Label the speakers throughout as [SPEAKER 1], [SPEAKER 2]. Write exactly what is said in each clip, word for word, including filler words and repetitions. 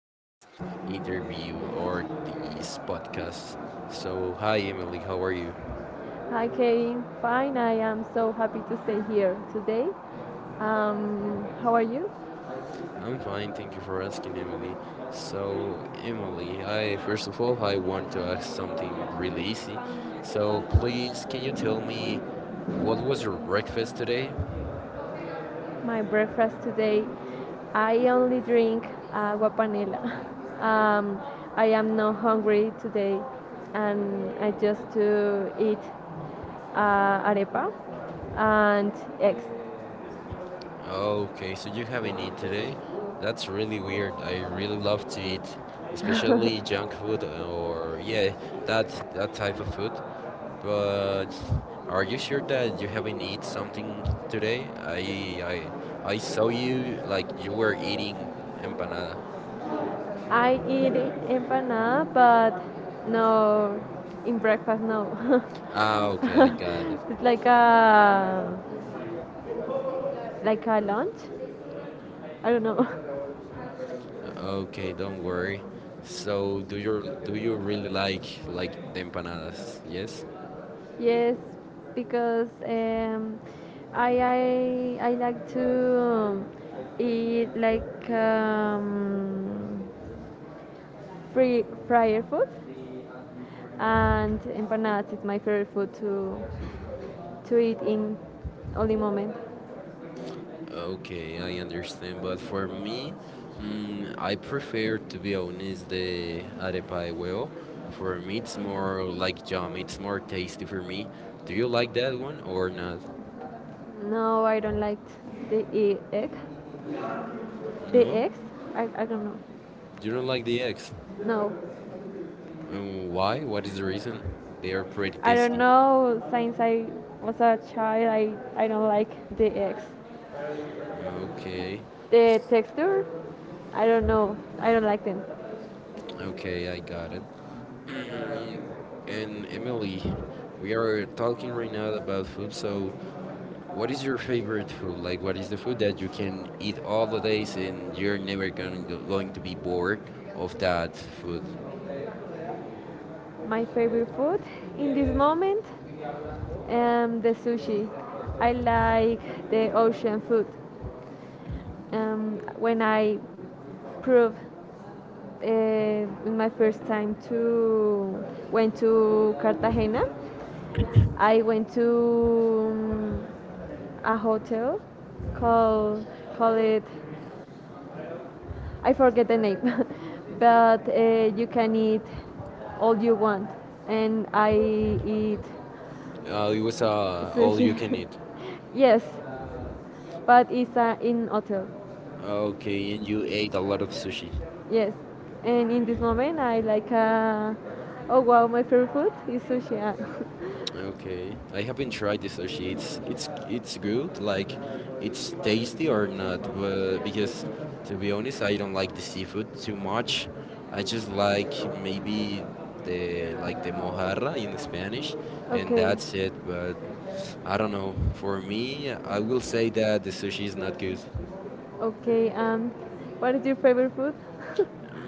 [SPEAKER 1] this interview or this podcast. So, hi, Emily, how are you?
[SPEAKER 2] Hi, Kane. Fine. I am so happy to stay here today. Um, how are you?
[SPEAKER 1] I'm fine, thank you for asking, Emily. So, Emily, I first of all, I want to ask something really easy. So, please, can you tell me what was your breakfast today?
[SPEAKER 2] My breakfast today, I only drink agua panela. Um, I am not hungry today, and I just to eat uh, arepa and eggs.
[SPEAKER 1] Okay, so you haven't eaten today?
[SPEAKER 2] That's
[SPEAKER 1] That's
[SPEAKER 2] really
[SPEAKER 1] really
[SPEAKER 2] weird.
[SPEAKER 1] weird.
[SPEAKER 2] I
[SPEAKER 1] I
[SPEAKER 2] really
[SPEAKER 1] really love to eat,
[SPEAKER 2] love eat
[SPEAKER 1] especially junk
[SPEAKER 2] food.
[SPEAKER 1] food uh, or yeah, that that type of food. But
[SPEAKER 2] um, I
[SPEAKER 1] are you
[SPEAKER 2] usually
[SPEAKER 1] sure that you haven't eaten
[SPEAKER 2] don't
[SPEAKER 1] something
[SPEAKER 2] today.
[SPEAKER 1] today? I I I saw you like you were
[SPEAKER 2] Like
[SPEAKER 1] eating empanada.
[SPEAKER 2] I eat empanada, but no, in breakfast no.
[SPEAKER 1] Ah, okay, I got it.
[SPEAKER 2] it's like a like a lunch. I don't know.
[SPEAKER 1] Okay, don't worry.
[SPEAKER 2] So
[SPEAKER 1] So do you do you
[SPEAKER 2] do
[SPEAKER 1] really
[SPEAKER 2] you
[SPEAKER 1] like
[SPEAKER 2] like
[SPEAKER 1] like the empanadas? Yes?
[SPEAKER 2] yes, because um, I, I I like to um, eat like um, free fryer food and empanadas is my favorite food to to eat in only moment.
[SPEAKER 1] Okay, I understand, but for me, mm, I prefer
[SPEAKER 2] Mm,
[SPEAKER 1] to be honest the arepa de huevo. For me,
[SPEAKER 2] really
[SPEAKER 1] it's more
[SPEAKER 2] like
[SPEAKER 1] like jam. It's more tasty for me. Do you like
[SPEAKER 2] like
[SPEAKER 1] that one or not?
[SPEAKER 2] no, I don't like the e- egg. The
[SPEAKER 1] No,
[SPEAKER 2] eggs? I, I don't know.
[SPEAKER 1] you
[SPEAKER 2] You
[SPEAKER 1] don't
[SPEAKER 2] don't
[SPEAKER 1] like
[SPEAKER 2] like the
[SPEAKER 1] the
[SPEAKER 2] eggs.
[SPEAKER 1] eggs.
[SPEAKER 2] No.
[SPEAKER 1] Uh, Why? What is the reason? They are pretty
[SPEAKER 2] I don't
[SPEAKER 1] tasty.
[SPEAKER 2] know. Since I was a child, I, I don't like the eggs.
[SPEAKER 1] Okay,
[SPEAKER 2] The texture? I don't know. I don't like them.
[SPEAKER 1] okay, I got it. And Emily, we are talking right now about food. So, what is your
[SPEAKER 2] So
[SPEAKER 1] favorite food? Like, what is the food
[SPEAKER 2] like
[SPEAKER 1] that you can eat all the days and you're never gonna go, going to be bored of that food?
[SPEAKER 2] yeah. My favorite food in this moment, um, the sushi. I like the ocean food. Um, when I proved uh, in my first time to went to Cartagena, I went to um, a hotel called call it I forget the name, but uh, you can eat all you want, and I eat
[SPEAKER 1] Uh, it was uh, all you
[SPEAKER 2] sushi.
[SPEAKER 1] can eat.
[SPEAKER 2] Yes, but it's uh, in hotel.
[SPEAKER 1] Okay, and you ate a lot of sushi.
[SPEAKER 2] Yes, and in this moment I like. Uh, oh wow, my favorite food is sushi. uh.
[SPEAKER 1] Okay, I haven't tried the sushi. It's it's it's good. Like, it's tasty or not? But because to be honest, I don't like the seafood too much. I just like maybe the like the mojarra in Spanish, and
[SPEAKER 2] Okay.
[SPEAKER 1] that's it. But I don't know. For me, I will say that the sushi is not good.
[SPEAKER 2] Okay, um, what is your favorite food?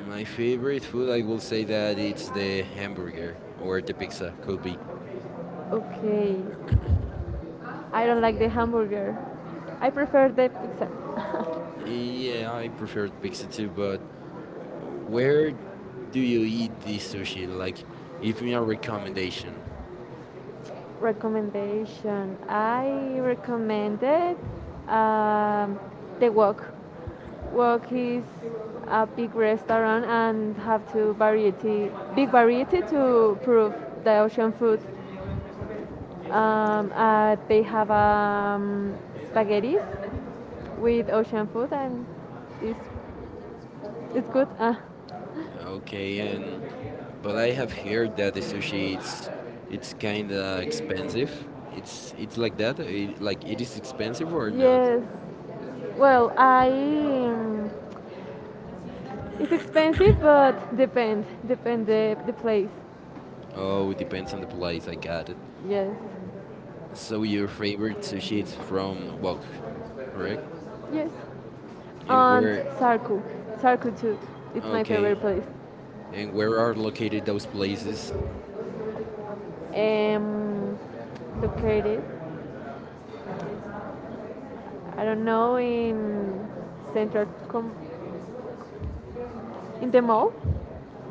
[SPEAKER 1] My favorite food, I will say that it's the hamburger or the pizza, could be.
[SPEAKER 2] Okay, I don't like the hamburger. I prefer the pizza.
[SPEAKER 1] Yeah, I prefer the pizza too, but where do you eat this sushi? Like, give me a recommendation.
[SPEAKER 2] Recommendation. I recommended um, the Walk. Walk is a big restaurant and have to variety, big variety to prove the ocean food. Um, uh, they have um, spaghetti with ocean food and it's, it's good. Uh,
[SPEAKER 1] Okay, and but I have heard that the sushi it's it's kind of
[SPEAKER 2] uh,
[SPEAKER 1] expensive. It's it's like that.
[SPEAKER 2] like
[SPEAKER 1] It,
[SPEAKER 2] like
[SPEAKER 1] like it is expensive or not?
[SPEAKER 2] yes, Well, I um, it's expensive, but depend depend the the place.
[SPEAKER 1] Oh, it depends on the place. I got it.
[SPEAKER 2] Yes,
[SPEAKER 1] So your favorite sushi is from Wok, correct?
[SPEAKER 2] yes.
[SPEAKER 1] And
[SPEAKER 2] And
[SPEAKER 1] where?
[SPEAKER 2] Sarku, Sarku too. It's my
[SPEAKER 1] Okay.
[SPEAKER 2] favorite place.
[SPEAKER 1] And where are located those places?
[SPEAKER 2] Um, located, I don't know, in central com- in the mall.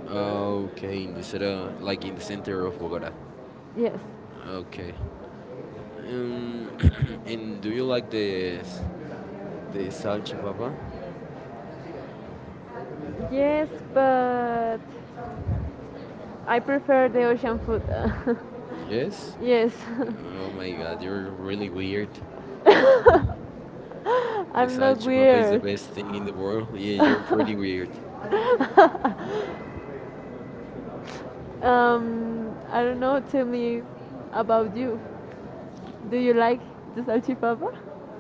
[SPEAKER 1] Okay, in the center, like in the center of Bogota.
[SPEAKER 2] Yes.
[SPEAKER 1] Okay. Um, and do you like the s- the salchipapa?
[SPEAKER 2] Yes, but I prefer the ocean food.
[SPEAKER 1] Yes.
[SPEAKER 2] Yes.
[SPEAKER 1] Oh my God, you're really weird. The
[SPEAKER 2] I'm not
[SPEAKER 1] salchipapa is the
[SPEAKER 2] weird.
[SPEAKER 1] best thing in the world. Yeah, you're pretty weird.
[SPEAKER 2] um, I don't know. Tell me about you. Do you like the salchipapa?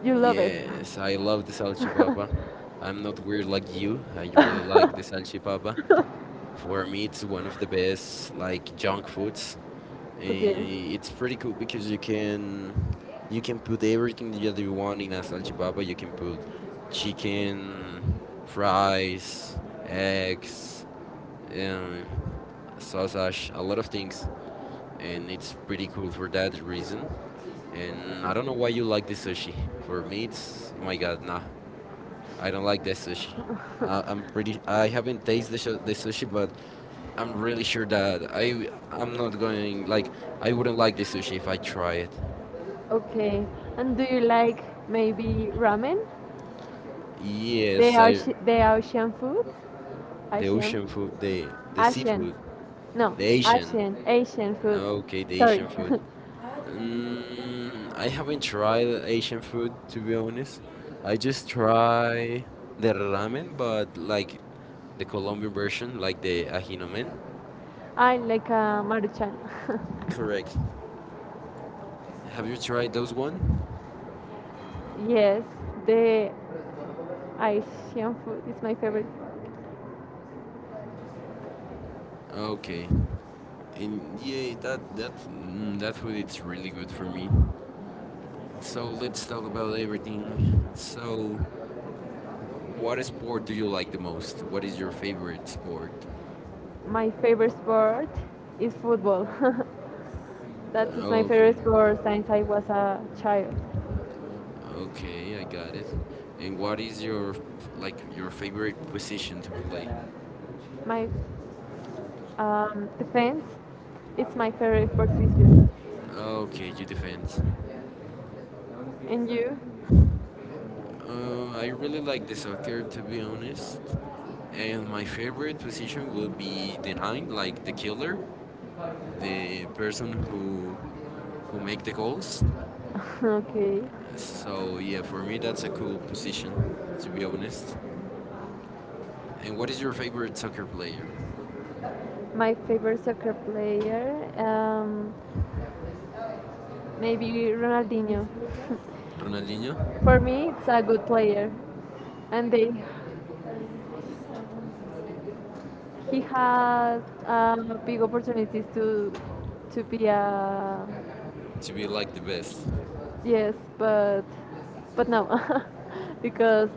[SPEAKER 2] You love it. Yes,
[SPEAKER 1] Yes,
[SPEAKER 2] I
[SPEAKER 1] I love the
[SPEAKER 2] love salchipapa.
[SPEAKER 1] salchipapa. I'm not weird like you. I
[SPEAKER 2] I'm
[SPEAKER 1] really
[SPEAKER 2] not weird like you. I love
[SPEAKER 1] like
[SPEAKER 2] salchipapa.
[SPEAKER 1] the salchipapa.
[SPEAKER 2] I
[SPEAKER 1] For
[SPEAKER 2] eat
[SPEAKER 1] me, it's one of the
[SPEAKER 2] until
[SPEAKER 1] best
[SPEAKER 2] it's
[SPEAKER 1] like
[SPEAKER 2] like junk
[SPEAKER 1] junk
[SPEAKER 2] foods.
[SPEAKER 1] foods.
[SPEAKER 2] Okay.
[SPEAKER 1] Eh, It's
[SPEAKER 2] It's pretty
[SPEAKER 1] pretty cool
[SPEAKER 2] cool because
[SPEAKER 1] because you
[SPEAKER 2] you can
[SPEAKER 1] can you
[SPEAKER 2] you get
[SPEAKER 1] can put
[SPEAKER 2] the
[SPEAKER 1] everything that
[SPEAKER 2] everything
[SPEAKER 1] you
[SPEAKER 2] you
[SPEAKER 1] want
[SPEAKER 2] want
[SPEAKER 1] in
[SPEAKER 2] is
[SPEAKER 1] a
[SPEAKER 2] like
[SPEAKER 1] salchipapa. You can put
[SPEAKER 2] chicken,
[SPEAKER 1] chicken,
[SPEAKER 2] fries,
[SPEAKER 1] fries,
[SPEAKER 2] and and
[SPEAKER 1] eggs,
[SPEAKER 2] yeah
[SPEAKER 1] um, sausage, a lot of things and it's pretty cool for
[SPEAKER 2] really
[SPEAKER 1] that reason. And I don't know why you like the sushi. For me, it's oh my god, nah,
[SPEAKER 2] oh
[SPEAKER 1] I don't like the sushi.
[SPEAKER 2] like uh,
[SPEAKER 1] I, I'm pretty. I haven't tasted the, shu- the sushi,
[SPEAKER 2] so
[SPEAKER 1] but I'm
[SPEAKER 2] really
[SPEAKER 1] really sure
[SPEAKER 2] sure
[SPEAKER 1] that I I'm not going, like, I wouldn't
[SPEAKER 2] like,
[SPEAKER 1] like
[SPEAKER 2] like
[SPEAKER 1] the sushi if I try it.
[SPEAKER 2] okay. And do you like maybe ramen? Yeah. The,
[SPEAKER 1] Yes, I
[SPEAKER 2] Oce- the ocean food?
[SPEAKER 1] the
[SPEAKER 2] Asian.
[SPEAKER 1] ocean food, the the
[SPEAKER 2] Asian.
[SPEAKER 1] seafood,
[SPEAKER 2] No,
[SPEAKER 1] the Asian.
[SPEAKER 2] Asian. Asian. Food.
[SPEAKER 1] Okay, the
[SPEAKER 2] Sorry.
[SPEAKER 1] Asian food.
[SPEAKER 2] I
[SPEAKER 1] Mm, I haven't tried Asian food to be honest. I just try the ramen, but
[SPEAKER 2] like
[SPEAKER 1] like the Colombian version, like
[SPEAKER 2] the
[SPEAKER 1] the
[SPEAKER 2] like
[SPEAKER 1] ajinomen.
[SPEAKER 2] like a maruchan.
[SPEAKER 1] Correct. Have you tried those one?
[SPEAKER 2] Yes, the Asian food is my favorite.
[SPEAKER 1] Okay.
[SPEAKER 2] Okay.
[SPEAKER 1] And yeah, that that mm, that food it's really good for me. So let's talk about
[SPEAKER 2] So so
[SPEAKER 1] everything. So, what sport do you like the most?
[SPEAKER 2] like
[SPEAKER 1] What is your favorite sport?
[SPEAKER 2] my favorite sport is football. That is my favorite
[SPEAKER 1] Okay.
[SPEAKER 2] sport since I was a child.
[SPEAKER 1] Okay, I got it. And what is your like your
[SPEAKER 2] Like
[SPEAKER 1] favorite position to play?
[SPEAKER 2] my um, defense, it's my favorite position.
[SPEAKER 1] Okay, you defend.
[SPEAKER 2] And you?
[SPEAKER 1] Um, I really like the soccer to be honest. And my favorite position would be the nine, like the killer, the person who who make the goals.
[SPEAKER 2] Okay.
[SPEAKER 1] So yeah, for me that's a cool position to be honest. And what is your favorite soccer player?
[SPEAKER 2] My favorite soccer player, um, maybe Ronaldinho.
[SPEAKER 1] Ronaldinho?
[SPEAKER 2] For me, it's a good player, and they, he has um, big opportunities to to be a
[SPEAKER 1] To be like the best.
[SPEAKER 2] yes, but but no, because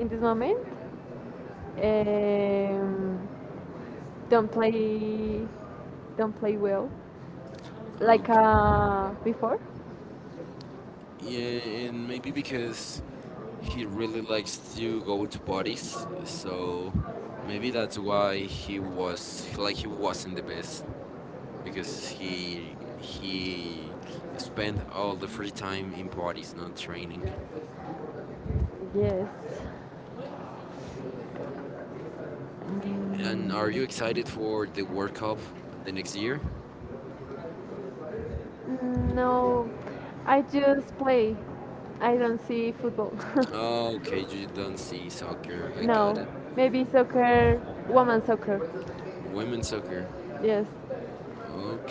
[SPEAKER 2] in this moment, um, don't play don't play well like
[SPEAKER 1] Okay.
[SPEAKER 2] uh, before.
[SPEAKER 1] Yeah, and maybe because he really likes to go to parties, so maybe that's why he was like he wasn't the best because he he spent all the free time in parties, not training.
[SPEAKER 2] Yes, and
[SPEAKER 1] And
[SPEAKER 2] are
[SPEAKER 1] are you
[SPEAKER 2] you excited
[SPEAKER 1] excited
[SPEAKER 2] for the
[SPEAKER 1] for the World
[SPEAKER 2] World Cup
[SPEAKER 1] Cup
[SPEAKER 2] the
[SPEAKER 1] the next
[SPEAKER 2] next
[SPEAKER 1] year?
[SPEAKER 2] year? No, I just play. I don't see football.
[SPEAKER 1] Oh, okay, you don't see soccer. I got
[SPEAKER 2] No,
[SPEAKER 1] it.
[SPEAKER 2] maybe soccer, woman soccer.
[SPEAKER 1] Women's soccer.
[SPEAKER 2] Yes.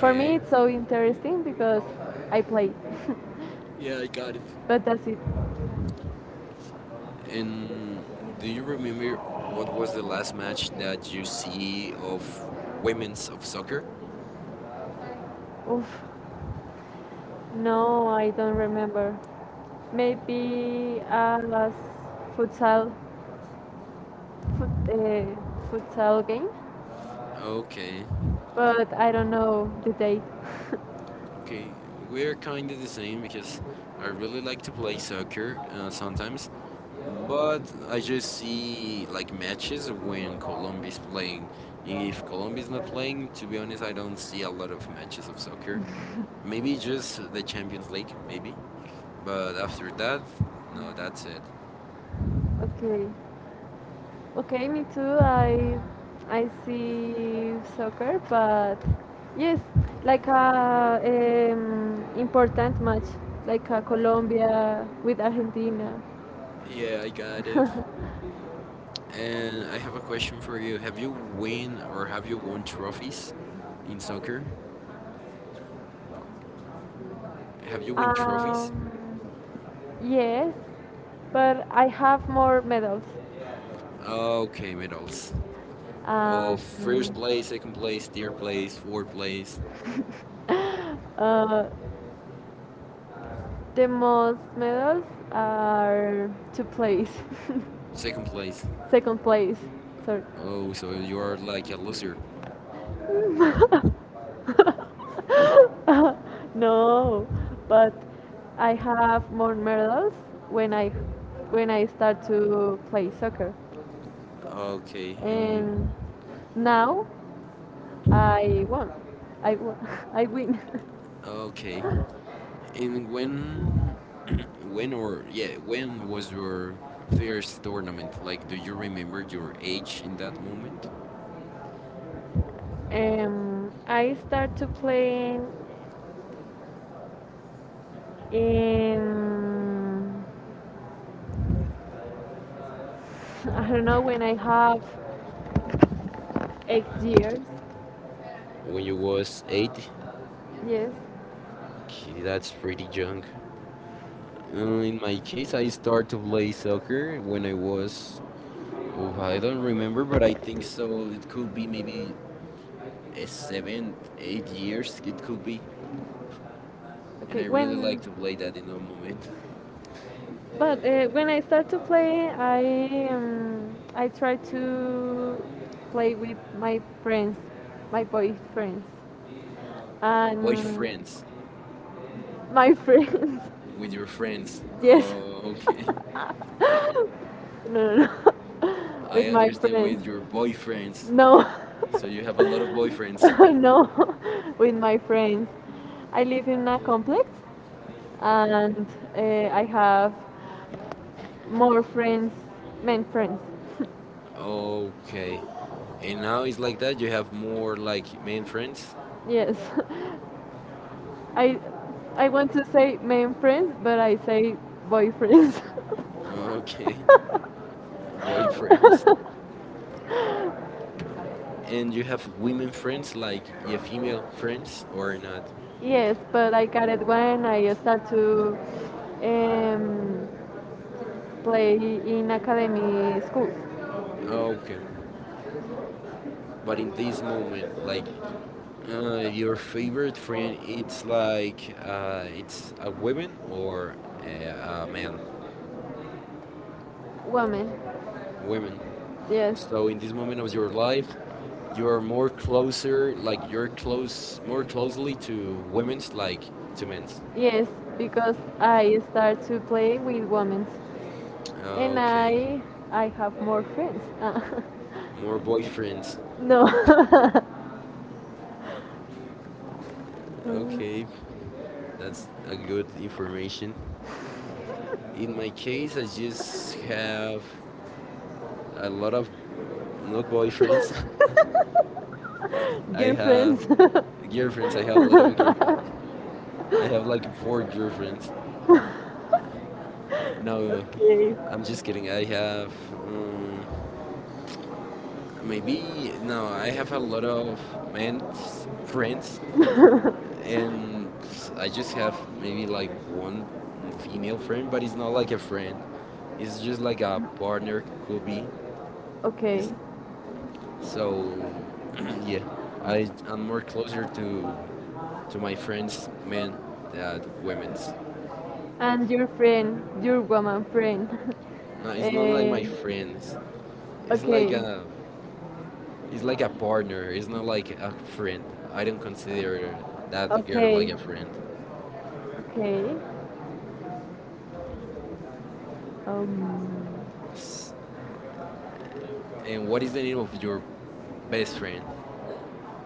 [SPEAKER 2] For me, it's so interesting because I play.
[SPEAKER 1] Yeah, I got it.
[SPEAKER 2] But that's it.
[SPEAKER 1] And do you
[SPEAKER 2] And
[SPEAKER 1] remember
[SPEAKER 2] if you
[SPEAKER 1] what was
[SPEAKER 2] want
[SPEAKER 1] the
[SPEAKER 2] to watch
[SPEAKER 1] last
[SPEAKER 2] that
[SPEAKER 1] match that you
[SPEAKER 2] you see
[SPEAKER 1] see of
[SPEAKER 2] of women's
[SPEAKER 1] women's of
[SPEAKER 2] soccer,
[SPEAKER 1] soccer?
[SPEAKER 2] oof. No, I don't remember. Maybe a futsal, fut, uh, futsal game,
[SPEAKER 1] Okay,
[SPEAKER 2] but I don't know the date.
[SPEAKER 1] okay, we're kind of the same because I really like to play soccer uh, sometimes, but I just see like matches when Colombia is playing. If Colombia is not playing, to be honest, I don't see a lot of matches of soccer. Maybe just the Champions League, maybe. But after that, no, that's it.
[SPEAKER 2] Okay. Okay, me too. I I see soccer, but yes, like a um, important match, like a Colombia with Argentina.
[SPEAKER 1] Yeah, I got it. And I have a question for you. Have you win or have you won trophies in soccer? Have you win trophies?
[SPEAKER 2] Um, yes, but I have more medals.
[SPEAKER 1] Okay, medals.
[SPEAKER 2] Um,
[SPEAKER 1] Oh, first place, second place, third place, fourth place,
[SPEAKER 2] uh, The most medals are two place.
[SPEAKER 1] second place.
[SPEAKER 2] Second place. Sorry.
[SPEAKER 1] Oh, so you are like a loser.
[SPEAKER 2] No, but I have more medals when I when I start to play soccer,
[SPEAKER 1] Okay,
[SPEAKER 2] and
[SPEAKER 1] and
[SPEAKER 2] now I won. I won. I win.
[SPEAKER 1] okay. And when,
[SPEAKER 2] When,
[SPEAKER 1] when or
[SPEAKER 2] yeah,
[SPEAKER 1] yeah, when
[SPEAKER 2] when
[SPEAKER 1] was your
[SPEAKER 2] was
[SPEAKER 1] first tournament? Like, do you
[SPEAKER 2] like
[SPEAKER 1] remember your age in that moment?
[SPEAKER 2] Um, I start to playing in I don't know when I have eight years.
[SPEAKER 1] When
[SPEAKER 2] When you
[SPEAKER 1] you
[SPEAKER 2] was
[SPEAKER 1] was eight?
[SPEAKER 2] eight, yes.
[SPEAKER 1] Okay,
[SPEAKER 2] That's
[SPEAKER 1] that's
[SPEAKER 2] pretty
[SPEAKER 1] pretty young.
[SPEAKER 2] young. Well,
[SPEAKER 1] Uh, in
[SPEAKER 2] I
[SPEAKER 1] my
[SPEAKER 2] think
[SPEAKER 1] case,
[SPEAKER 2] I
[SPEAKER 1] I
[SPEAKER 2] started
[SPEAKER 1] started to play
[SPEAKER 2] like
[SPEAKER 1] soccer when I was, oh,
[SPEAKER 2] um, I
[SPEAKER 1] I don't
[SPEAKER 2] don't
[SPEAKER 1] remember,
[SPEAKER 2] remember, but
[SPEAKER 1] but
[SPEAKER 2] I
[SPEAKER 1] I think
[SPEAKER 2] think so.
[SPEAKER 1] so. It
[SPEAKER 2] It
[SPEAKER 1] could be
[SPEAKER 2] could be uh,
[SPEAKER 1] maybe uh,
[SPEAKER 2] seven,
[SPEAKER 1] seven, eight
[SPEAKER 2] eight years. It
[SPEAKER 1] years, it could
[SPEAKER 2] could be.
[SPEAKER 1] be. And
[SPEAKER 2] Okay,
[SPEAKER 1] I
[SPEAKER 2] I
[SPEAKER 1] really
[SPEAKER 2] really when
[SPEAKER 1] like
[SPEAKER 2] like
[SPEAKER 1] to
[SPEAKER 2] to play
[SPEAKER 1] play
[SPEAKER 2] that
[SPEAKER 1] that in a
[SPEAKER 2] drum boy.
[SPEAKER 1] moment.
[SPEAKER 2] But uh, when I start to play, I um, I try to play with my friends, my boyfriends, your and boyfriends
[SPEAKER 1] Boyfriends,
[SPEAKER 2] my friends.
[SPEAKER 1] with
[SPEAKER 2] With your
[SPEAKER 1] your friends.
[SPEAKER 2] friends. Yes.
[SPEAKER 1] Oh, okay.
[SPEAKER 2] Yeah, okay. No, no, no.
[SPEAKER 1] I
[SPEAKER 2] With my understood
[SPEAKER 1] understand
[SPEAKER 2] friends.
[SPEAKER 1] with your
[SPEAKER 2] With your boyfriends.
[SPEAKER 1] boyfriends.
[SPEAKER 2] No.
[SPEAKER 1] So
[SPEAKER 2] So you
[SPEAKER 1] you have
[SPEAKER 2] have
[SPEAKER 1] a
[SPEAKER 2] a
[SPEAKER 1] lot of
[SPEAKER 2] lot of boyfriends.
[SPEAKER 1] boyfriends.
[SPEAKER 2] No, with my friends. I live in a complex
[SPEAKER 1] Okay.
[SPEAKER 2] and uh, I have more friends, men friends. Okay.
[SPEAKER 1] Okay. And now
[SPEAKER 2] Now
[SPEAKER 1] it's like that.
[SPEAKER 2] you
[SPEAKER 1] You
[SPEAKER 2] have
[SPEAKER 1] have
[SPEAKER 2] more
[SPEAKER 1] more like
[SPEAKER 2] like many
[SPEAKER 1] main
[SPEAKER 2] friends.
[SPEAKER 1] friends.
[SPEAKER 2] Yes, I I want to say men friends, but I say boyfriends.
[SPEAKER 1] Okay. Boyfriends.
[SPEAKER 2] And
[SPEAKER 1] and
[SPEAKER 2] you
[SPEAKER 1] you
[SPEAKER 2] have
[SPEAKER 1] have
[SPEAKER 2] new
[SPEAKER 1] women
[SPEAKER 2] friends
[SPEAKER 1] friends, like
[SPEAKER 2] like
[SPEAKER 1] your
[SPEAKER 2] personal
[SPEAKER 1] female
[SPEAKER 2] friends
[SPEAKER 1] friends, or
[SPEAKER 2] or
[SPEAKER 1] not?
[SPEAKER 2] yes, but I got it when I start to um, play in academy school.
[SPEAKER 1] Oh, okay. But in this moment, like, uh, your favorite friend, it's like, uh, it's a woman or a, a man?
[SPEAKER 2] Women.
[SPEAKER 1] Women.
[SPEAKER 2] Yes.
[SPEAKER 1] So
[SPEAKER 2] So,
[SPEAKER 1] in this moment of your
[SPEAKER 2] so like,
[SPEAKER 1] life,
[SPEAKER 2] you
[SPEAKER 1] you're
[SPEAKER 2] are
[SPEAKER 1] more
[SPEAKER 2] more closer,
[SPEAKER 1] closer,
[SPEAKER 2] like
[SPEAKER 1] like you're
[SPEAKER 2] very close,
[SPEAKER 1] close,
[SPEAKER 2] more
[SPEAKER 1] more
[SPEAKER 2] closely
[SPEAKER 1] closely to
[SPEAKER 2] to
[SPEAKER 1] women's,
[SPEAKER 2] women's like
[SPEAKER 1] like to men's.
[SPEAKER 2] yes, because I start to play with women, and
[SPEAKER 1] Okay,
[SPEAKER 2] I I have more friends. What,
[SPEAKER 1] more
[SPEAKER 2] what
[SPEAKER 1] boyfriends.
[SPEAKER 2] instruments? No. Mm.
[SPEAKER 1] Okay, that's a good information. In my case, I just have a lot of not boyfriends. I
[SPEAKER 2] Girlfriends.
[SPEAKER 1] have girlfriends. I have a lot of girlfriends. I have like four girlfriends. No,
[SPEAKER 2] Okay.
[SPEAKER 1] I'm just kidding. I have um, maybe no. I have a lot of men friends, and I just have maybe like one female friend, but it's not like a friend. It's just like a partner could be.
[SPEAKER 2] Okay.
[SPEAKER 1] It's So yeah, I i am more closer to to my friends men than women's.
[SPEAKER 2] And your friend, your woman friend.
[SPEAKER 1] No, it's not like
[SPEAKER 2] Eh,
[SPEAKER 1] my friends. It's like
[SPEAKER 2] okay,
[SPEAKER 1] a it's like a partner. It's not like a friend. I don't consider that girl
[SPEAKER 2] okay,
[SPEAKER 1] like a friend.
[SPEAKER 2] okay. Um,
[SPEAKER 1] S- And what is the name of your best friend?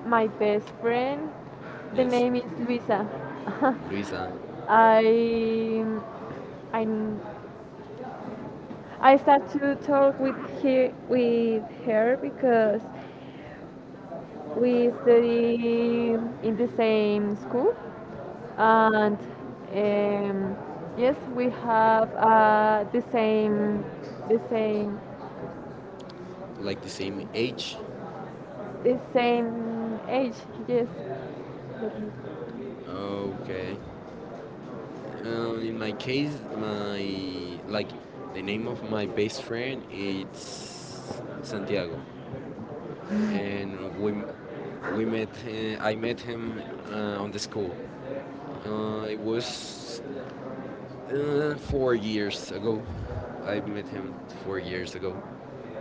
[SPEAKER 2] my best friend, the
[SPEAKER 1] Yes,
[SPEAKER 2] name is Luisa.
[SPEAKER 1] Luisa.
[SPEAKER 2] I, I I start to talk with her, with her because we study in the same school and um, yes, we have uh, the same the same
[SPEAKER 1] Like the same age.
[SPEAKER 2] the same age. Yes.
[SPEAKER 1] Okay. Uh, in my case, my like the name of my best friend it's
[SPEAKER 2] Let
[SPEAKER 1] Santiago,
[SPEAKER 2] me-
[SPEAKER 1] and we we met. Uh, I met him uh, on the school. Uh, it was uh, four years ago, I met him four years ago,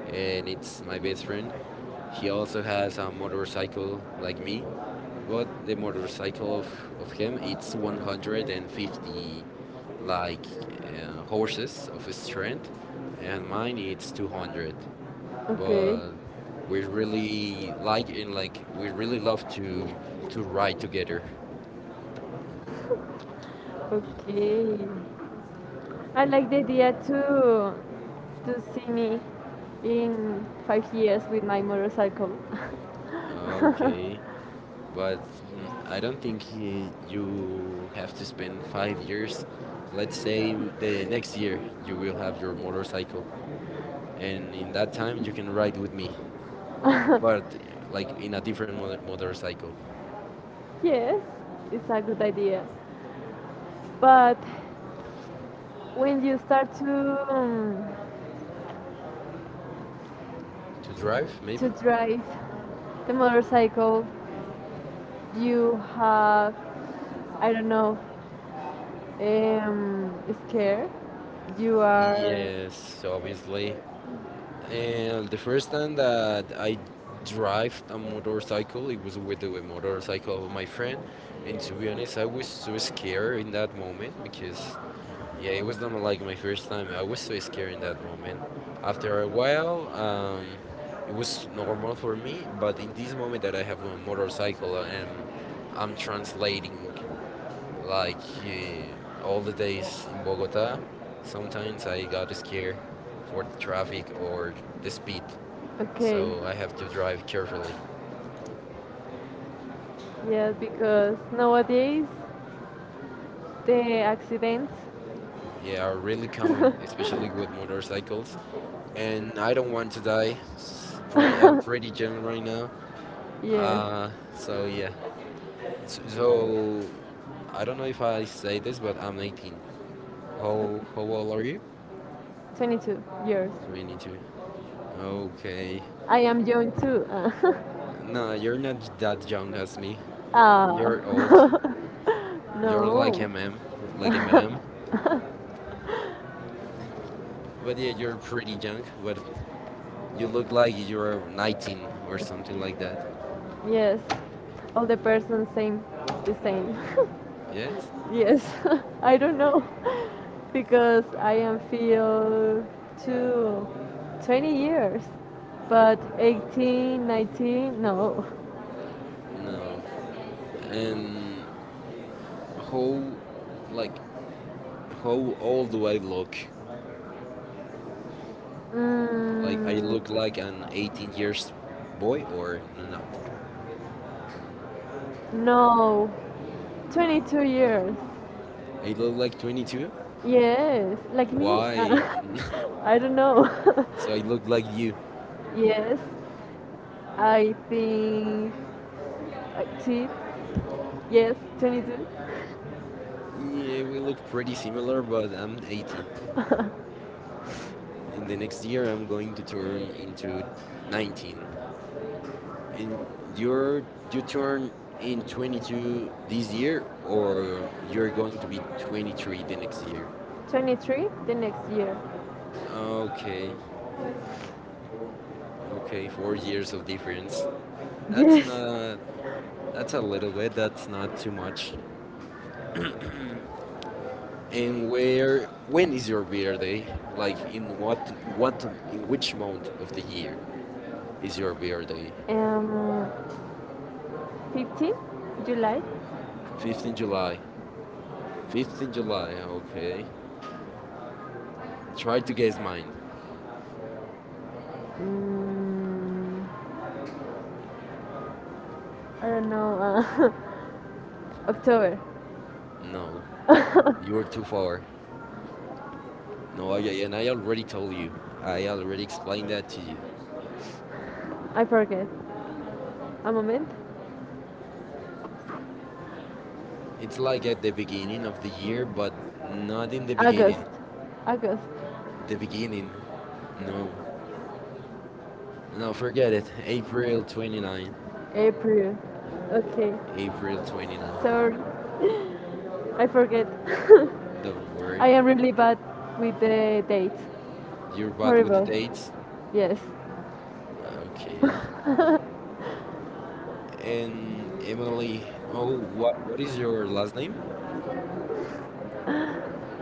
[SPEAKER 1] and it's my best friend. He also has a motorcycle like me, but the motorcycle of, of him it's one hundred fifty like uh, horses of strength, and mine it's two hundred.
[SPEAKER 2] okay.
[SPEAKER 1] But
[SPEAKER 2] We
[SPEAKER 1] we
[SPEAKER 2] really
[SPEAKER 1] really
[SPEAKER 2] like,
[SPEAKER 1] like and like
[SPEAKER 2] like,
[SPEAKER 1] we
[SPEAKER 2] we
[SPEAKER 1] really
[SPEAKER 2] really love
[SPEAKER 1] love to
[SPEAKER 2] to,
[SPEAKER 1] to
[SPEAKER 2] to write.
[SPEAKER 1] ride together.
[SPEAKER 2] Okay. I like the idea to to see me in five years with my motorcycle.
[SPEAKER 1] Okay, but mm, I don't think he, you have to spend five years. Let's say the next year you will have your motorcycle, and in that time you can ride with me,
[SPEAKER 2] Like, I don't think we really have the same
[SPEAKER 1] but
[SPEAKER 2] mind.
[SPEAKER 1] uh,
[SPEAKER 2] That's the very serious and that's, that's, but, like, I
[SPEAKER 1] like in a different mo-
[SPEAKER 2] think people
[SPEAKER 1] motorcycle
[SPEAKER 2] yes, it's a good idea. But when you start to um,
[SPEAKER 1] to
[SPEAKER 2] right?
[SPEAKER 1] drive,
[SPEAKER 2] To
[SPEAKER 1] maybe.
[SPEAKER 2] drive the motorcycle, you have I don't know, um, scared. You are
[SPEAKER 1] Yes, obviously.
[SPEAKER 2] and
[SPEAKER 1] And the
[SPEAKER 2] there's
[SPEAKER 1] first time
[SPEAKER 2] nothing that
[SPEAKER 1] that I
[SPEAKER 2] happened. It's right.
[SPEAKER 1] drove a
[SPEAKER 2] When it was like, "Oop,
[SPEAKER 1] motorcycle, it was with the
[SPEAKER 2] they were thinking
[SPEAKER 1] motorcycle of
[SPEAKER 2] of my
[SPEAKER 1] my
[SPEAKER 2] friend."
[SPEAKER 1] friend.
[SPEAKER 2] And it's
[SPEAKER 1] And to be
[SPEAKER 2] like, "Yes,
[SPEAKER 1] honest, I
[SPEAKER 2] of
[SPEAKER 1] was so
[SPEAKER 2] course, it's just a
[SPEAKER 1] scared
[SPEAKER 2] word."
[SPEAKER 1] in that moment, because
[SPEAKER 2] Yeah,
[SPEAKER 1] yeah,
[SPEAKER 2] you
[SPEAKER 1] it was not
[SPEAKER 2] look like
[SPEAKER 1] like my
[SPEAKER 2] a
[SPEAKER 1] first
[SPEAKER 2] person
[SPEAKER 1] time.
[SPEAKER 2] who
[SPEAKER 1] I
[SPEAKER 2] knows
[SPEAKER 1] was
[SPEAKER 2] this,
[SPEAKER 1] so
[SPEAKER 2] is like,
[SPEAKER 1] scared in that
[SPEAKER 2] word.
[SPEAKER 1] moment.
[SPEAKER 2] I'm
[SPEAKER 1] After a
[SPEAKER 2] really well,
[SPEAKER 1] while, um,
[SPEAKER 2] and
[SPEAKER 1] it
[SPEAKER 2] this is
[SPEAKER 1] was
[SPEAKER 2] what I'm
[SPEAKER 1] normal
[SPEAKER 2] looking
[SPEAKER 1] for
[SPEAKER 2] for you,
[SPEAKER 1] me,
[SPEAKER 2] but
[SPEAKER 1] but
[SPEAKER 2] the
[SPEAKER 1] in this
[SPEAKER 2] people
[SPEAKER 1] moment
[SPEAKER 2] that
[SPEAKER 1] that I
[SPEAKER 2] have
[SPEAKER 1] have
[SPEAKER 2] it,
[SPEAKER 1] a
[SPEAKER 2] it's
[SPEAKER 1] motorcycle
[SPEAKER 2] like,
[SPEAKER 1] and
[SPEAKER 2] "Oh, I'm
[SPEAKER 1] I'm
[SPEAKER 2] sure this lady,
[SPEAKER 1] translating
[SPEAKER 2] uh, like
[SPEAKER 1] like
[SPEAKER 2] you know,
[SPEAKER 1] uh,
[SPEAKER 2] all
[SPEAKER 1] all
[SPEAKER 2] the
[SPEAKER 1] the
[SPEAKER 2] days
[SPEAKER 1] days
[SPEAKER 2] I
[SPEAKER 1] in
[SPEAKER 2] woke up,
[SPEAKER 1] Bogota,
[SPEAKER 2] sometimes
[SPEAKER 1] sometimes I
[SPEAKER 2] I
[SPEAKER 1] got
[SPEAKER 2] was here
[SPEAKER 1] scared for
[SPEAKER 2] for
[SPEAKER 1] the traffic
[SPEAKER 2] traffic or
[SPEAKER 1] or
[SPEAKER 2] the
[SPEAKER 1] the
[SPEAKER 2] speed.
[SPEAKER 1] speed.
[SPEAKER 2] Okay. And I
[SPEAKER 1] So
[SPEAKER 2] have
[SPEAKER 1] I have
[SPEAKER 2] to
[SPEAKER 1] to drive
[SPEAKER 2] drive
[SPEAKER 1] carefully.
[SPEAKER 2] carefully. Yes, because nowadays the accidents.
[SPEAKER 1] Yeah,
[SPEAKER 2] Yeah,
[SPEAKER 1] are really
[SPEAKER 2] really.
[SPEAKER 1] common,
[SPEAKER 2] It's really
[SPEAKER 1] especially with motorcycles.
[SPEAKER 2] motorcycles.
[SPEAKER 1] And
[SPEAKER 2] And I
[SPEAKER 1] I don't
[SPEAKER 2] don't
[SPEAKER 1] want to die. S-
[SPEAKER 2] like
[SPEAKER 1] Pretty, I'm
[SPEAKER 2] I pretty
[SPEAKER 1] pretty young right now.
[SPEAKER 2] yes.
[SPEAKER 1] Uh, so yeah.
[SPEAKER 2] so
[SPEAKER 1] So,
[SPEAKER 2] so
[SPEAKER 1] so
[SPEAKER 2] I
[SPEAKER 1] I don't
[SPEAKER 2] don't
[SPEAKER 1] know
[SPEAKER 2] know
[SPEAKER 1] if
[SPEAKER 2] if I
[SPEAKER 1] I say
[SPEAKER 2] live
[SPEAKER 1] this, but I'm
[SPEAKER 2] I think
[SPEAKER 1] nineteen.
[SPEAKER 2] I can do how
[SPEAKER 1] How
[SPEAKER 2] okay.
[SPEAKER 1] how old are you?
[SPEAKER 2] Will twenty-two years.
[SPEAKER 1] twenty-two. Okay.
[SPEAKER 2] I am young too.
[SPEAKER 1] No, you're not that young as me.
[SPEAKER 2] Ah.
[SPEAKER 1] You're old. You're like
[SPEAKER 2] No.
[SPEAKER 1] a ma'am, like a madam. But yeah, you're pretty young. But you look like you're nineteen or something like that.
[SPEAKER 2] Yes. All the persons same, the same.
[SPEAKER 1] Yes?
[SPEAKER 2] Yes. I don't know because I am feel too twenty years, but eighteen, nineteen, no.
[SPEAKER 1] No. And how, like, how old do I look? Like I
[SPEAKER 2] Mm,
[SPEAKER 1] look like an eighteen years boy or not?
[SPEAKER 2] no, twenty-two years.
[SPEAKER 1] I look like twenty-two.
[SPEAKER 2] Yes, like me.
[SPEAKER 1] Why?
[SPEAKER 2] Uh, I don't know.
[SPEAKER 1] So I look like you.
[SPEAKER 2] Yes, I think. I see. Yes, twenty-two.
[SPEAKER 1] Yeah, we look pretty similar, but I'm eighteen. In the next year, I'm going to turn into nineteen. And
[SPEAKER 2] Your
[SPEAKER 1] you're you
[SPEAKER 2] return
[SPEAKER 1] turn in
[SPEAKER 2] is
[SPEAKER 1] twenty-two this year,
[SPEAKER 2] easier or
[SPEAKER 1] or you're going to be twenty-three the next year?
[SPEAKER 2] twenty-three the next year. Okay,
[SPEAKER 1] Okay, okay, four years of difference.
[SPEAKER 2] so
[SPEAKER 1] That's
[SPEAKER 2] yes.
[SPEAKER 1] not. That's a little bit. That's not too much.
[SPEAKER 2] Uh,
[SPEAKER 1] And where
[SPEAKER 2] when,
[SPEAKER 1] when is your birthday?
[SPEAKER 2] like,
[SPEAKER 1] Like in what
[SPEAKER 2] what, what,
[SPEAKER 1] what in
[SPEAKER 2] which
[SPEAKER 1] which month of the year is
[SPEAKER 2] is your
[SPEAKER 1] your birthday?
[SPEAKER 2] Um, July fifteenth. July fiftieth?
[SPEAKER 1] 15
[SPEAKER 2] 50
[SPEAKER 1] July. fifteenth of July.
[SPEAKER 2] July.
[SPEAKER 1] Okay.
[SPEAKER 2] Try
[SPEAKER 1] Try
[SPEAKER 2] to
[SPEAKER 1] to
[SPEAKER 2] get
[SPEAKER 1] guess
[SPEAKER 2] work.
[SPEAKER 1] mine.
[SPEAKER 2] Mm, I don't know. Uh, October.
[SPEAKER 1] No, you're too far. No, I, and I already told you. I already explained that to you.
[SPEAKER 2] I forget. A moment.
[SPEAKER 1] It's
[SPEAKER 2] It's like
[SPEAKER 1] like
[SPEAKER 2] a
[SPEAKER 1] at the beginning of the
[SPEAKER 2] year,
[SPEAKER 1] year, but not
[SPEAKER 2] not
[SPEAKER 1] in
[SPEAKER 2] in
[SPEAKER 1] the
[SPEAKER 2] the-
[SPEAKER 1] beginning.
[SPEAKER 2] August. August.
[SPEAKER 1] The beginning. No.
[SPEAKER 2] No,
[SPEAKER 1] No,
[SPEAKER 2] forget
[SPEAKER 1] forget
[SPEAKER 2] it.
[SPEAKER 1] it. April
[SPEAKER 2] April,
[SPEAKER 1] 29.
[SPEAKER 2] April. Okay.
[SPEAKER 1] April 29.
[SPEAKER 2] Sorry. I forget.
[SPEAKER 1] Don't worry.
[SPEAKER 2] I am really bad with the dates.
[SPEAKER 1] You're bad with the
[SPEAKER 2] Horrible.
[SPEAKER 1] dates.
[SPEAKER 2] Yes.
[SPEAKER 1] Okay. And Emily, oh, what what is your last name?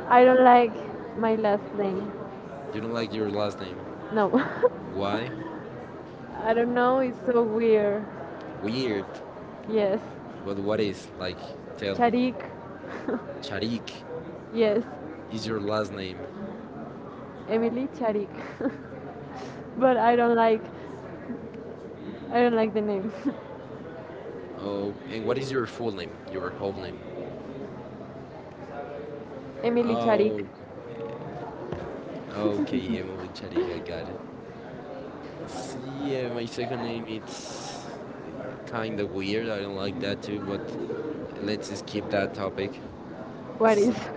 [SPEAKER 2] I don't like my last name.
[SPEAKER 1] You don't like your last name.
[SPEAKER 2] No.
[SPEAKER 1] Why?
[SPEAKER 2] I don't know, it's so weird.
[SPEAKER 1] Weird.
[SPEAKER 2] Yes.
[SPEAKER 1] But what is like? Tell me.
[SPEAKER 2] Charik.
[SPEAKER 1] Charik
[SPEAKER 2] Yes.
[SPEAKER 1] is your last name.
[SPEAKER 2] Emily Charik. But I don't like I don't like the name.
[SPEAKER 1] Oh, and what is your full name? Your whole name?
[SPEAKER 2] Emily
[SPEAKER 1] Oh,
[SPEAKER 2] Charik.
[SPEAKER 1] okay, Emily Charik. I got it. S- Yeah, my second name it's kind of weird. I don't like that too, but let's skip that topic.
[SPEAKER 2] What
[SPEAKER 1] S-
[SPEAKER 2] is?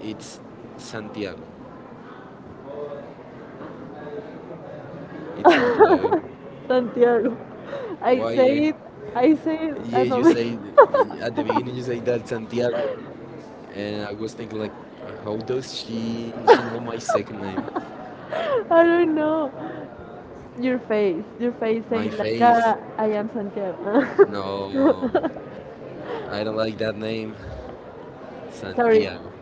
[SPEAKER 1] It's Santiago. It's Santiago.
[SPEAKER 2] Santiago. I
[SPEAKER 1] Why?
[SPEAKER 2] say
[SPEAKER 1] eh,
[SPEAKER 2] it, I say it,
[SPEAKER 1] Yeah,
[SPEAKER 2] and no
[SPEAKER 1] you
[SPEAKER 2] me.
[SPEAKER 1] say at the beginning you say that Santiago, and I was thinking like, how does she she know my second name,
[SPEAKER 2] I don't know. Your face, your face
[SPEAKER 1] my
[SPEAKER 2] said like
[SPEAKER 1] face?
[SPEAKER 2] ah, I am Santiago.
[SPEAKER 1] No, I don't like that name,
[SPEAKER 2] Sorry,
[SPEAKER 1] Santiago.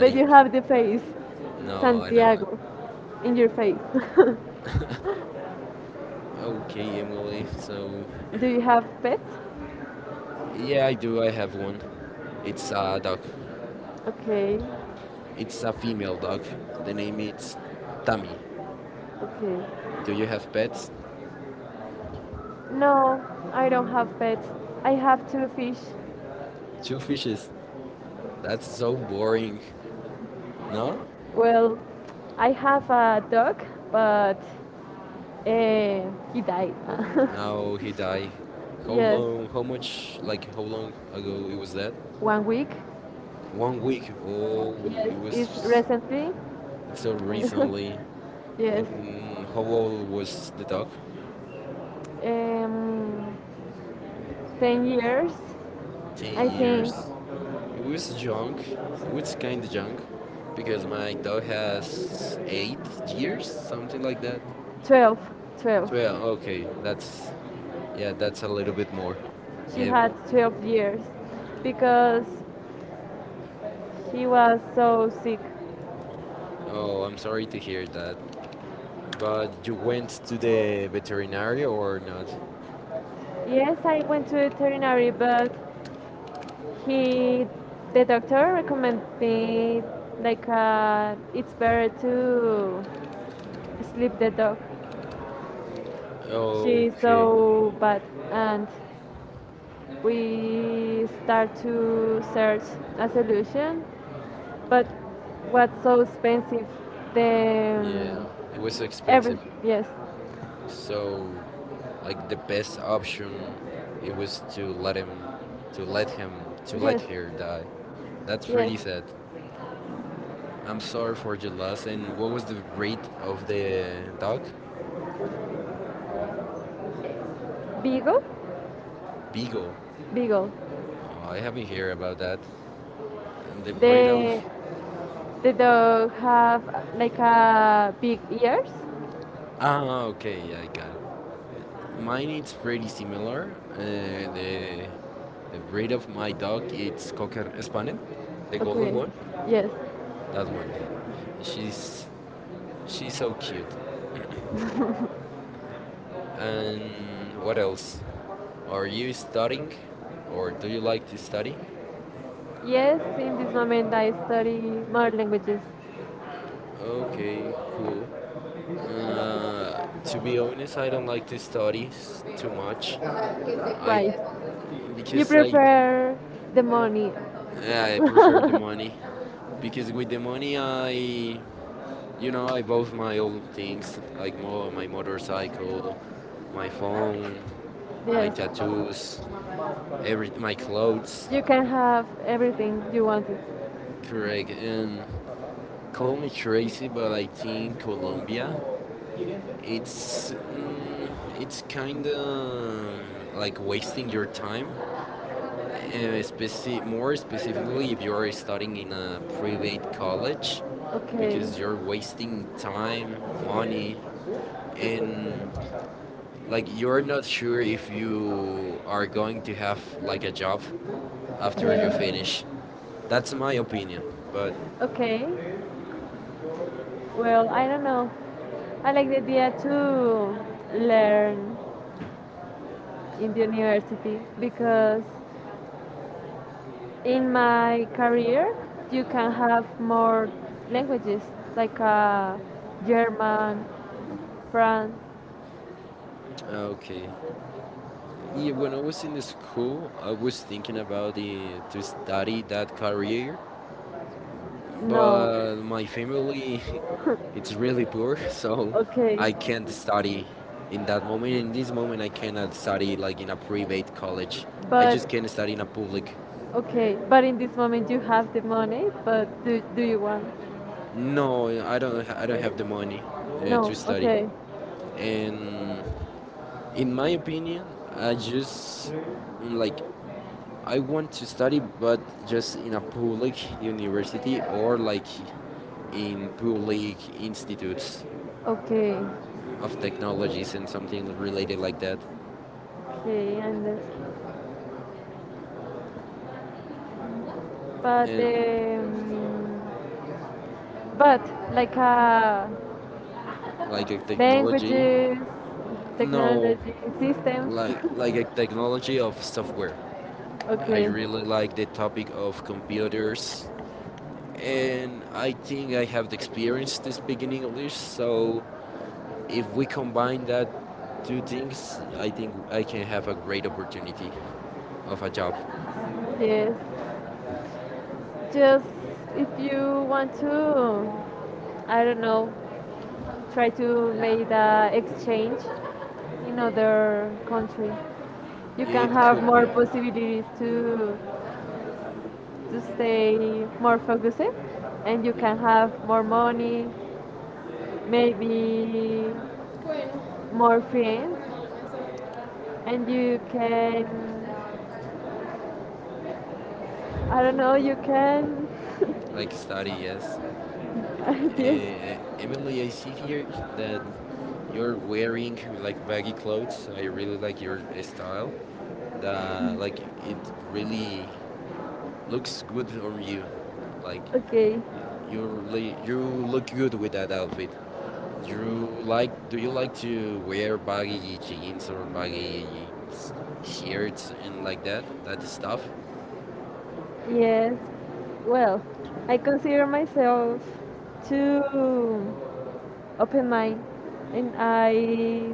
[SPEAKER 2] but you have the face,
[SPEAKER 1] No, I don't like.
[SPEAKER 2] Santiago, in your face.
[SPEAKER 1] Okay, Emily. So
[SPEAKER 2] Do you have pets?
[SPEAKER 1] yeah,
[SPEAKER 2] Yeah, I
[SPEAKER 1] I
[SPEAKER 2] do.
[SPEAKER 1] do. I
[SPEAKER 2] I
[SPEAKER 1] have
[SPEAKER 2] have
[SPEAKER 1] one.
[SPEAKER 2] meetings. It's
[SPEAKER 1] It's a
[SPEAKER 2] uh,
[SPEAKER 1] dog.
[SPEAKER 2] okay, it's
[SPEAKER 1] It's a
[SPEAKER 2] a female
[SPEAKER 1] female dog. The
[SPEAKER 2] program.
[SPEAKER 1] name is
[SPEAKER 2] And it's done.
[SPEAKER 1] Tammy.
[SPEAKER 2] Okay. Do
[SPEAKER 1] Do
[SPEAKER 2] you
[SPEAKER 1] you
[SPEAKER 2] have
[SPEAKER 1] have pets?
[SPEAKER 2] pets? No, I don't have pets. I have two fish. Two
[SPEAKER 1] Two
[SPEAKER 2] fishes.
[SPEAKER 1] fishes. That's
[SPEAKER 2] That's so
[SPEAKER 1] so
[SPEAKER 2] important.
[SPEAKER 1] boring. No?
[SPEAKER 2] No? Well, I have a dog, but uh, he died.
[SPEAKER 1] Now he died.
[SPEAKER 2] Yes, how much like, do
[SPEAKER 1] How
[SPEAKER 2] you have?
[SPEAKER 1] long? How much? Like how long ago it was that?
[SPEAKER 2] One week.
[SPEAKER 1] One
[SPEAKER 2] One
[SPEAKER 1] week.
[SPEAKER 2] week.
[SPEAKER 1] Oh,
[SPEAKER 2] Yes,
[SPEAKER 1] it
[SPEAKER 2] it's
[SPEAKER 1] was
[SPEAKER 2] recently.
[SPEAKER 1] It's
[SPEAKER 2] It's
[SPEAKER 1] so
[SPEAKER 2] a long time.
[SPEAKER 1] recently.
[SPEAKER 2] Yes,
[SPEAKER 1] And how old was the dog?
[SPEAKER 2] how long is um, ten years,
[SPEAKER 1] Ten
[SPEAKER 2] I think.
[SPEAKER 1] years. It was junk. It was kind of junk? Because my dog has eight years, something like that.
[SPEAKER 2] Twelve, twelve.
[SPEAKER 1] Twelve. Okay, that's yeah, that's a little bit more.
[SPEAKER 2] She
[SPEAKER 1] Yep.
[SPEAKER 2] had twelve years because she was so sick. uh,
[SPEAKER 1] Oh, I'm sorry to hear that. But you went to the veterinarian or not?
[SPEAKER 2] Yes, I went to veterinary, but he, the doctor recommended me like uh, it's better to sleep the dog. She's
[SPEAKER 1] Okay,
[SPEAKER 2] so bad, and we start to search a solution. But what's so expensive? The
[SPEAKER 1] yeah,
[SPEAKER 2] um,
[SPEAKER 1] it was
[SPEAKER 2] every
[SPEAKER 1] expensive.
[SPEAKER 2] yes,
[SPEAKER 1] So, like the best option, it was to let him, to let him, to let
[SPEAKER 2] yes,
[SPEAKER 1] her die. That's
[SPEAKER 2] yes.
[SPEAKER 1] pretty sad. I'm sorry for the loss. And what was the breed of the dog?
[SPEAKER 2] Beagle?
[SPEAKER 1] Beagle.
[SPEAKER 2] Beagle.
[SPEAKER 1] Oh, I haven't heard about that. The breed
[SPEAKER 2] The
[SPEAKER 1] of
[SPEAKER 2] the dog have uh, like a big ears.
[SPEAKER 1] ah,
[SPEAKER 2] Um,
[SPEAKER 1] okay, yeah, I got it.
[SPEAKER 2] my
[SPEAKER 1] Mine is pretty
[SPEAKER 2] greatest memoir
[SPEAKER 1] similar.
[SPEAKER 2] and
[SPEAKER 1] Uh, the the breed
[SPEAKER 2] great
[SPEAKER 1] of
[SPEAKER 2] of
[SPEAKER 1] my
[SPEAKER 2] my
[SPEAKER 1] dog
[SPEAKER 2] dog is
[SPEAKER 1] it's Cocker
[SPEAKER 2] Hispanic
[SPEAKER 1] Spaniel, the
[SPEAKER 2] and okay.
[SPEAKER 1] golden
[SPEAKER 2] English.
[SPEAKER 1] one.
[SPEAKER 2] Yes.
[SPEAKER 1] That one. She's she's
[SPEAKER 2] She's
[SPEAKER 1] so cute.
[SPEAKER 2] so Um,
[SPEAKER 1] And what
[SPEAKER 2] what else?
[SPEAKER 1] else? Are
[SPEAKER 2] Are
[SPEAKER 1] you
[SPEAKER 2] you studying
[SPEAKER 1] studying,
[SPEAKER 2] or
[SPEAKER 1] or
[SPEAKER 2] do
[SPEAKER 1] do you
[SPEAKER 2] you like
[SPEAKER 1] like to
[SPEAKER 2] to
[SPEAKER 1] study?
[SPEAKER 2] study? Yes, in this moment I study more languages.
[SPEAKER 1] Okay, cool. Uh, to be honest, I don't like to study s- too much. I
[SPEAKER 2] Why? You
[SPEAKER 1] because I
[SPEAKER 2] prefer the money.
[SPEAKER 1] yeah, I prefer the money. Because with the money, I you know I bought my own things like mo- my motorcycle, my phone, my
[SPEAKER 2] Yes,
[SPEAKER 1] tattoos, every my clothes.
[SPEAKER 2] you can have everything you wanted.
[SPEAKER 1] Correct. Um, call me crazy, but I think Colombia, it's mm, it's kind of like wasting your time, uh, speci- more specifically if you are studying in a private college,
[SPEAKER 2] Okay.
[SPEAKER 1] because you're wasting time, money, and like
[SPEAKER 2] Like
[SPEAKER 1] you're
[SPEAKER 2] we're not
[SPEAKER 1] not sure
[SPEAKER 2] sure if
[SPEAKER 1] if
[SPEAKER 2] we
[SPEAKER 1] you are
[SPEAKER 2] are going
[SPEAKER 1] going to
[SPEAKER 2] to
[SPEAKER 1] have
[SPEAKER 2] have
[SPEAKER 1] like
[SPEAKER 2] like
[SPEAKER 1] a
[SPEAKER 2] a
[SPEAKER 1] job
[SPEAKER 2] job.
[SPEAKER 1] after you
[SPEAKER 2] Okay.
[SPEAKER 1] finish.
[SPEAKER 2] That's
[SPEAKER 1] That's my
[SPEAKER 2] something.
[SPEAKER 1] opinion, but
[SPEAKER 2] Like, okay. Well, I don't know. I like the idea to learn in the university because in my career you can have more languages like uh, German, France.
[SPEAKER 1] okay. Yeah, when I was in the school, I was thinking about the, to study that career,
[SPEAKER 2] No.
[SPEAKER 1] but my family, it's really poor, so
[SPEAKER 2] Okay.
[SPEAKER 1] I can't study in that moment. In this moment, I cannot study like in a private college. I
[SPEAKER 2] But
[SPEAKER 1] just can't study in a public.
[SPEAKER 2] okay, but in this moment you have the money, but do do you want? No,
[SPEAKER 1] No, I don't. I don't have the money uh,
[SPEAKER 2] no.
[SPEAKER 1] to study,
[SPEAKER 2] Okay.
[SPEAKER 1] and in
[SPEAKER 2] In my
[SPEAKER 1] my opinion, I just
[SPEAKER 2] like
[SPEAKER 1] like I want to study, but just in a public university or like in public institutes
[SPEAKER 2] okay.
[SPEAKER 1] of technologies and something related like that.
[SPEAKER 2] Okay, and but
[SPEAKER 1] And
[SPEAKER 2] um, but like uh,
[SPEAKER 1] like a technology,
[SPEAKER 2] languages,
[SPEAKER 1] no,
[SPEAKER 2] technology, systems.
[SPEAKER 1] like like a technology of software. I
[SPEAKER 2] Okay.
[SPEAKER 1] really like the topic of computers, and I think I have the experience to speak in English, so If we combine that two things, I think I can have a great opportunity of a job.
[SPEAKER 2] Yes. Just if you want to, I don't know, try to make the exchange in other country. You can
[SPEAKER 1] It
[SPEAKER 2] have
[SPEAKER 1] could
[SPEAKER 2] more
[SPEAKER 1] be,
[SPEAKER 2] possibilities to to stay more focused and you
[SPEAKER 1] yeah,
[SPEAKER 2] can have more money maybe more friends and you can I don't know you can
[SPEAKER 1] like study, yes.
[SPEAKER 2] yes
[SPEAKER 1] Uh, Emily, I see here that you're wearing like baggy clothes. I really like your style. The like it really looks good on you. Like
[SPEAKER 2] okay
[SPEAKER 1] you really you look good with that outfit. Drew, like, do you like to wear baggy jeans or baggy s- shirts and like that, that stuff?
[SPEAKER 2] yes well I consider myself to open mind and I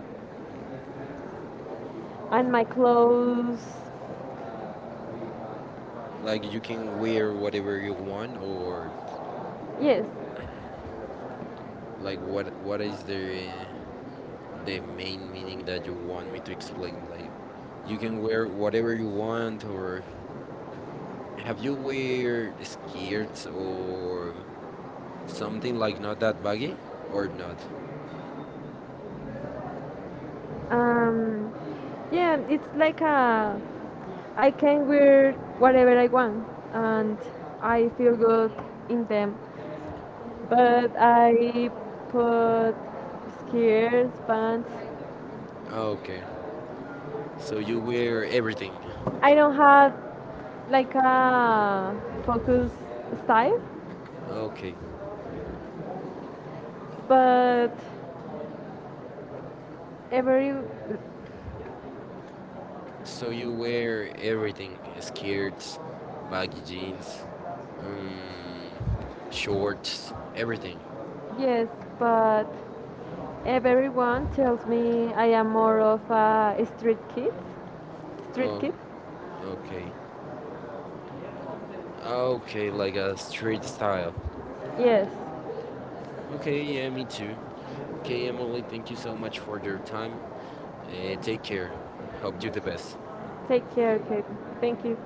[SPEAKER 2] and my clothes
[SPEAKER 1] Like you can wear whatever you want, or
[SPEAKER 2] yes.
[SPEAKER 1] like what what is the the main meaning that you want me to explain? Like you can wear whatever you want, or have you wear skirts or something like not that baggy or not?
[SPEAKER 2] Um, yeah, it's like a I can wear whatever I want and I feel good in them. But I put skirts, pants.
[SPEAKER 1] Okay, so you wear everything.
[SPEAKER 2] I don't have like a focus style,
[SPEAKER 1] Okay.
[SPEAKER 2] but every
[SPEAKER 1] So you
[SPEAKER 2] so
[SPEAKER 1] wear everything: skirts,
[SPEAKER 2] like
[SPEAKER 1] baggy jeans, um, shorts, everything.
[SPEAKER 2] yes, but everyone tells me I am more of a street kid. Street
[SPEAKER 1] Oh,
[SPEAKER 2] kid?
[SPEAKER 1] okay. Okay, like a
[SPEAKER 2] Oh, like
[SPEAKER 1] street style.
[SPEAKER 2] yes.
[SPEAKER 1] Okay, yeah, me too.
[SPEAKER 2] So
[SPEAKER 1] Okay, Emily, thank you so much for your time. Uh, take care. Hope you the best.
[SPEAKER 2] take care, Kate. Thank you.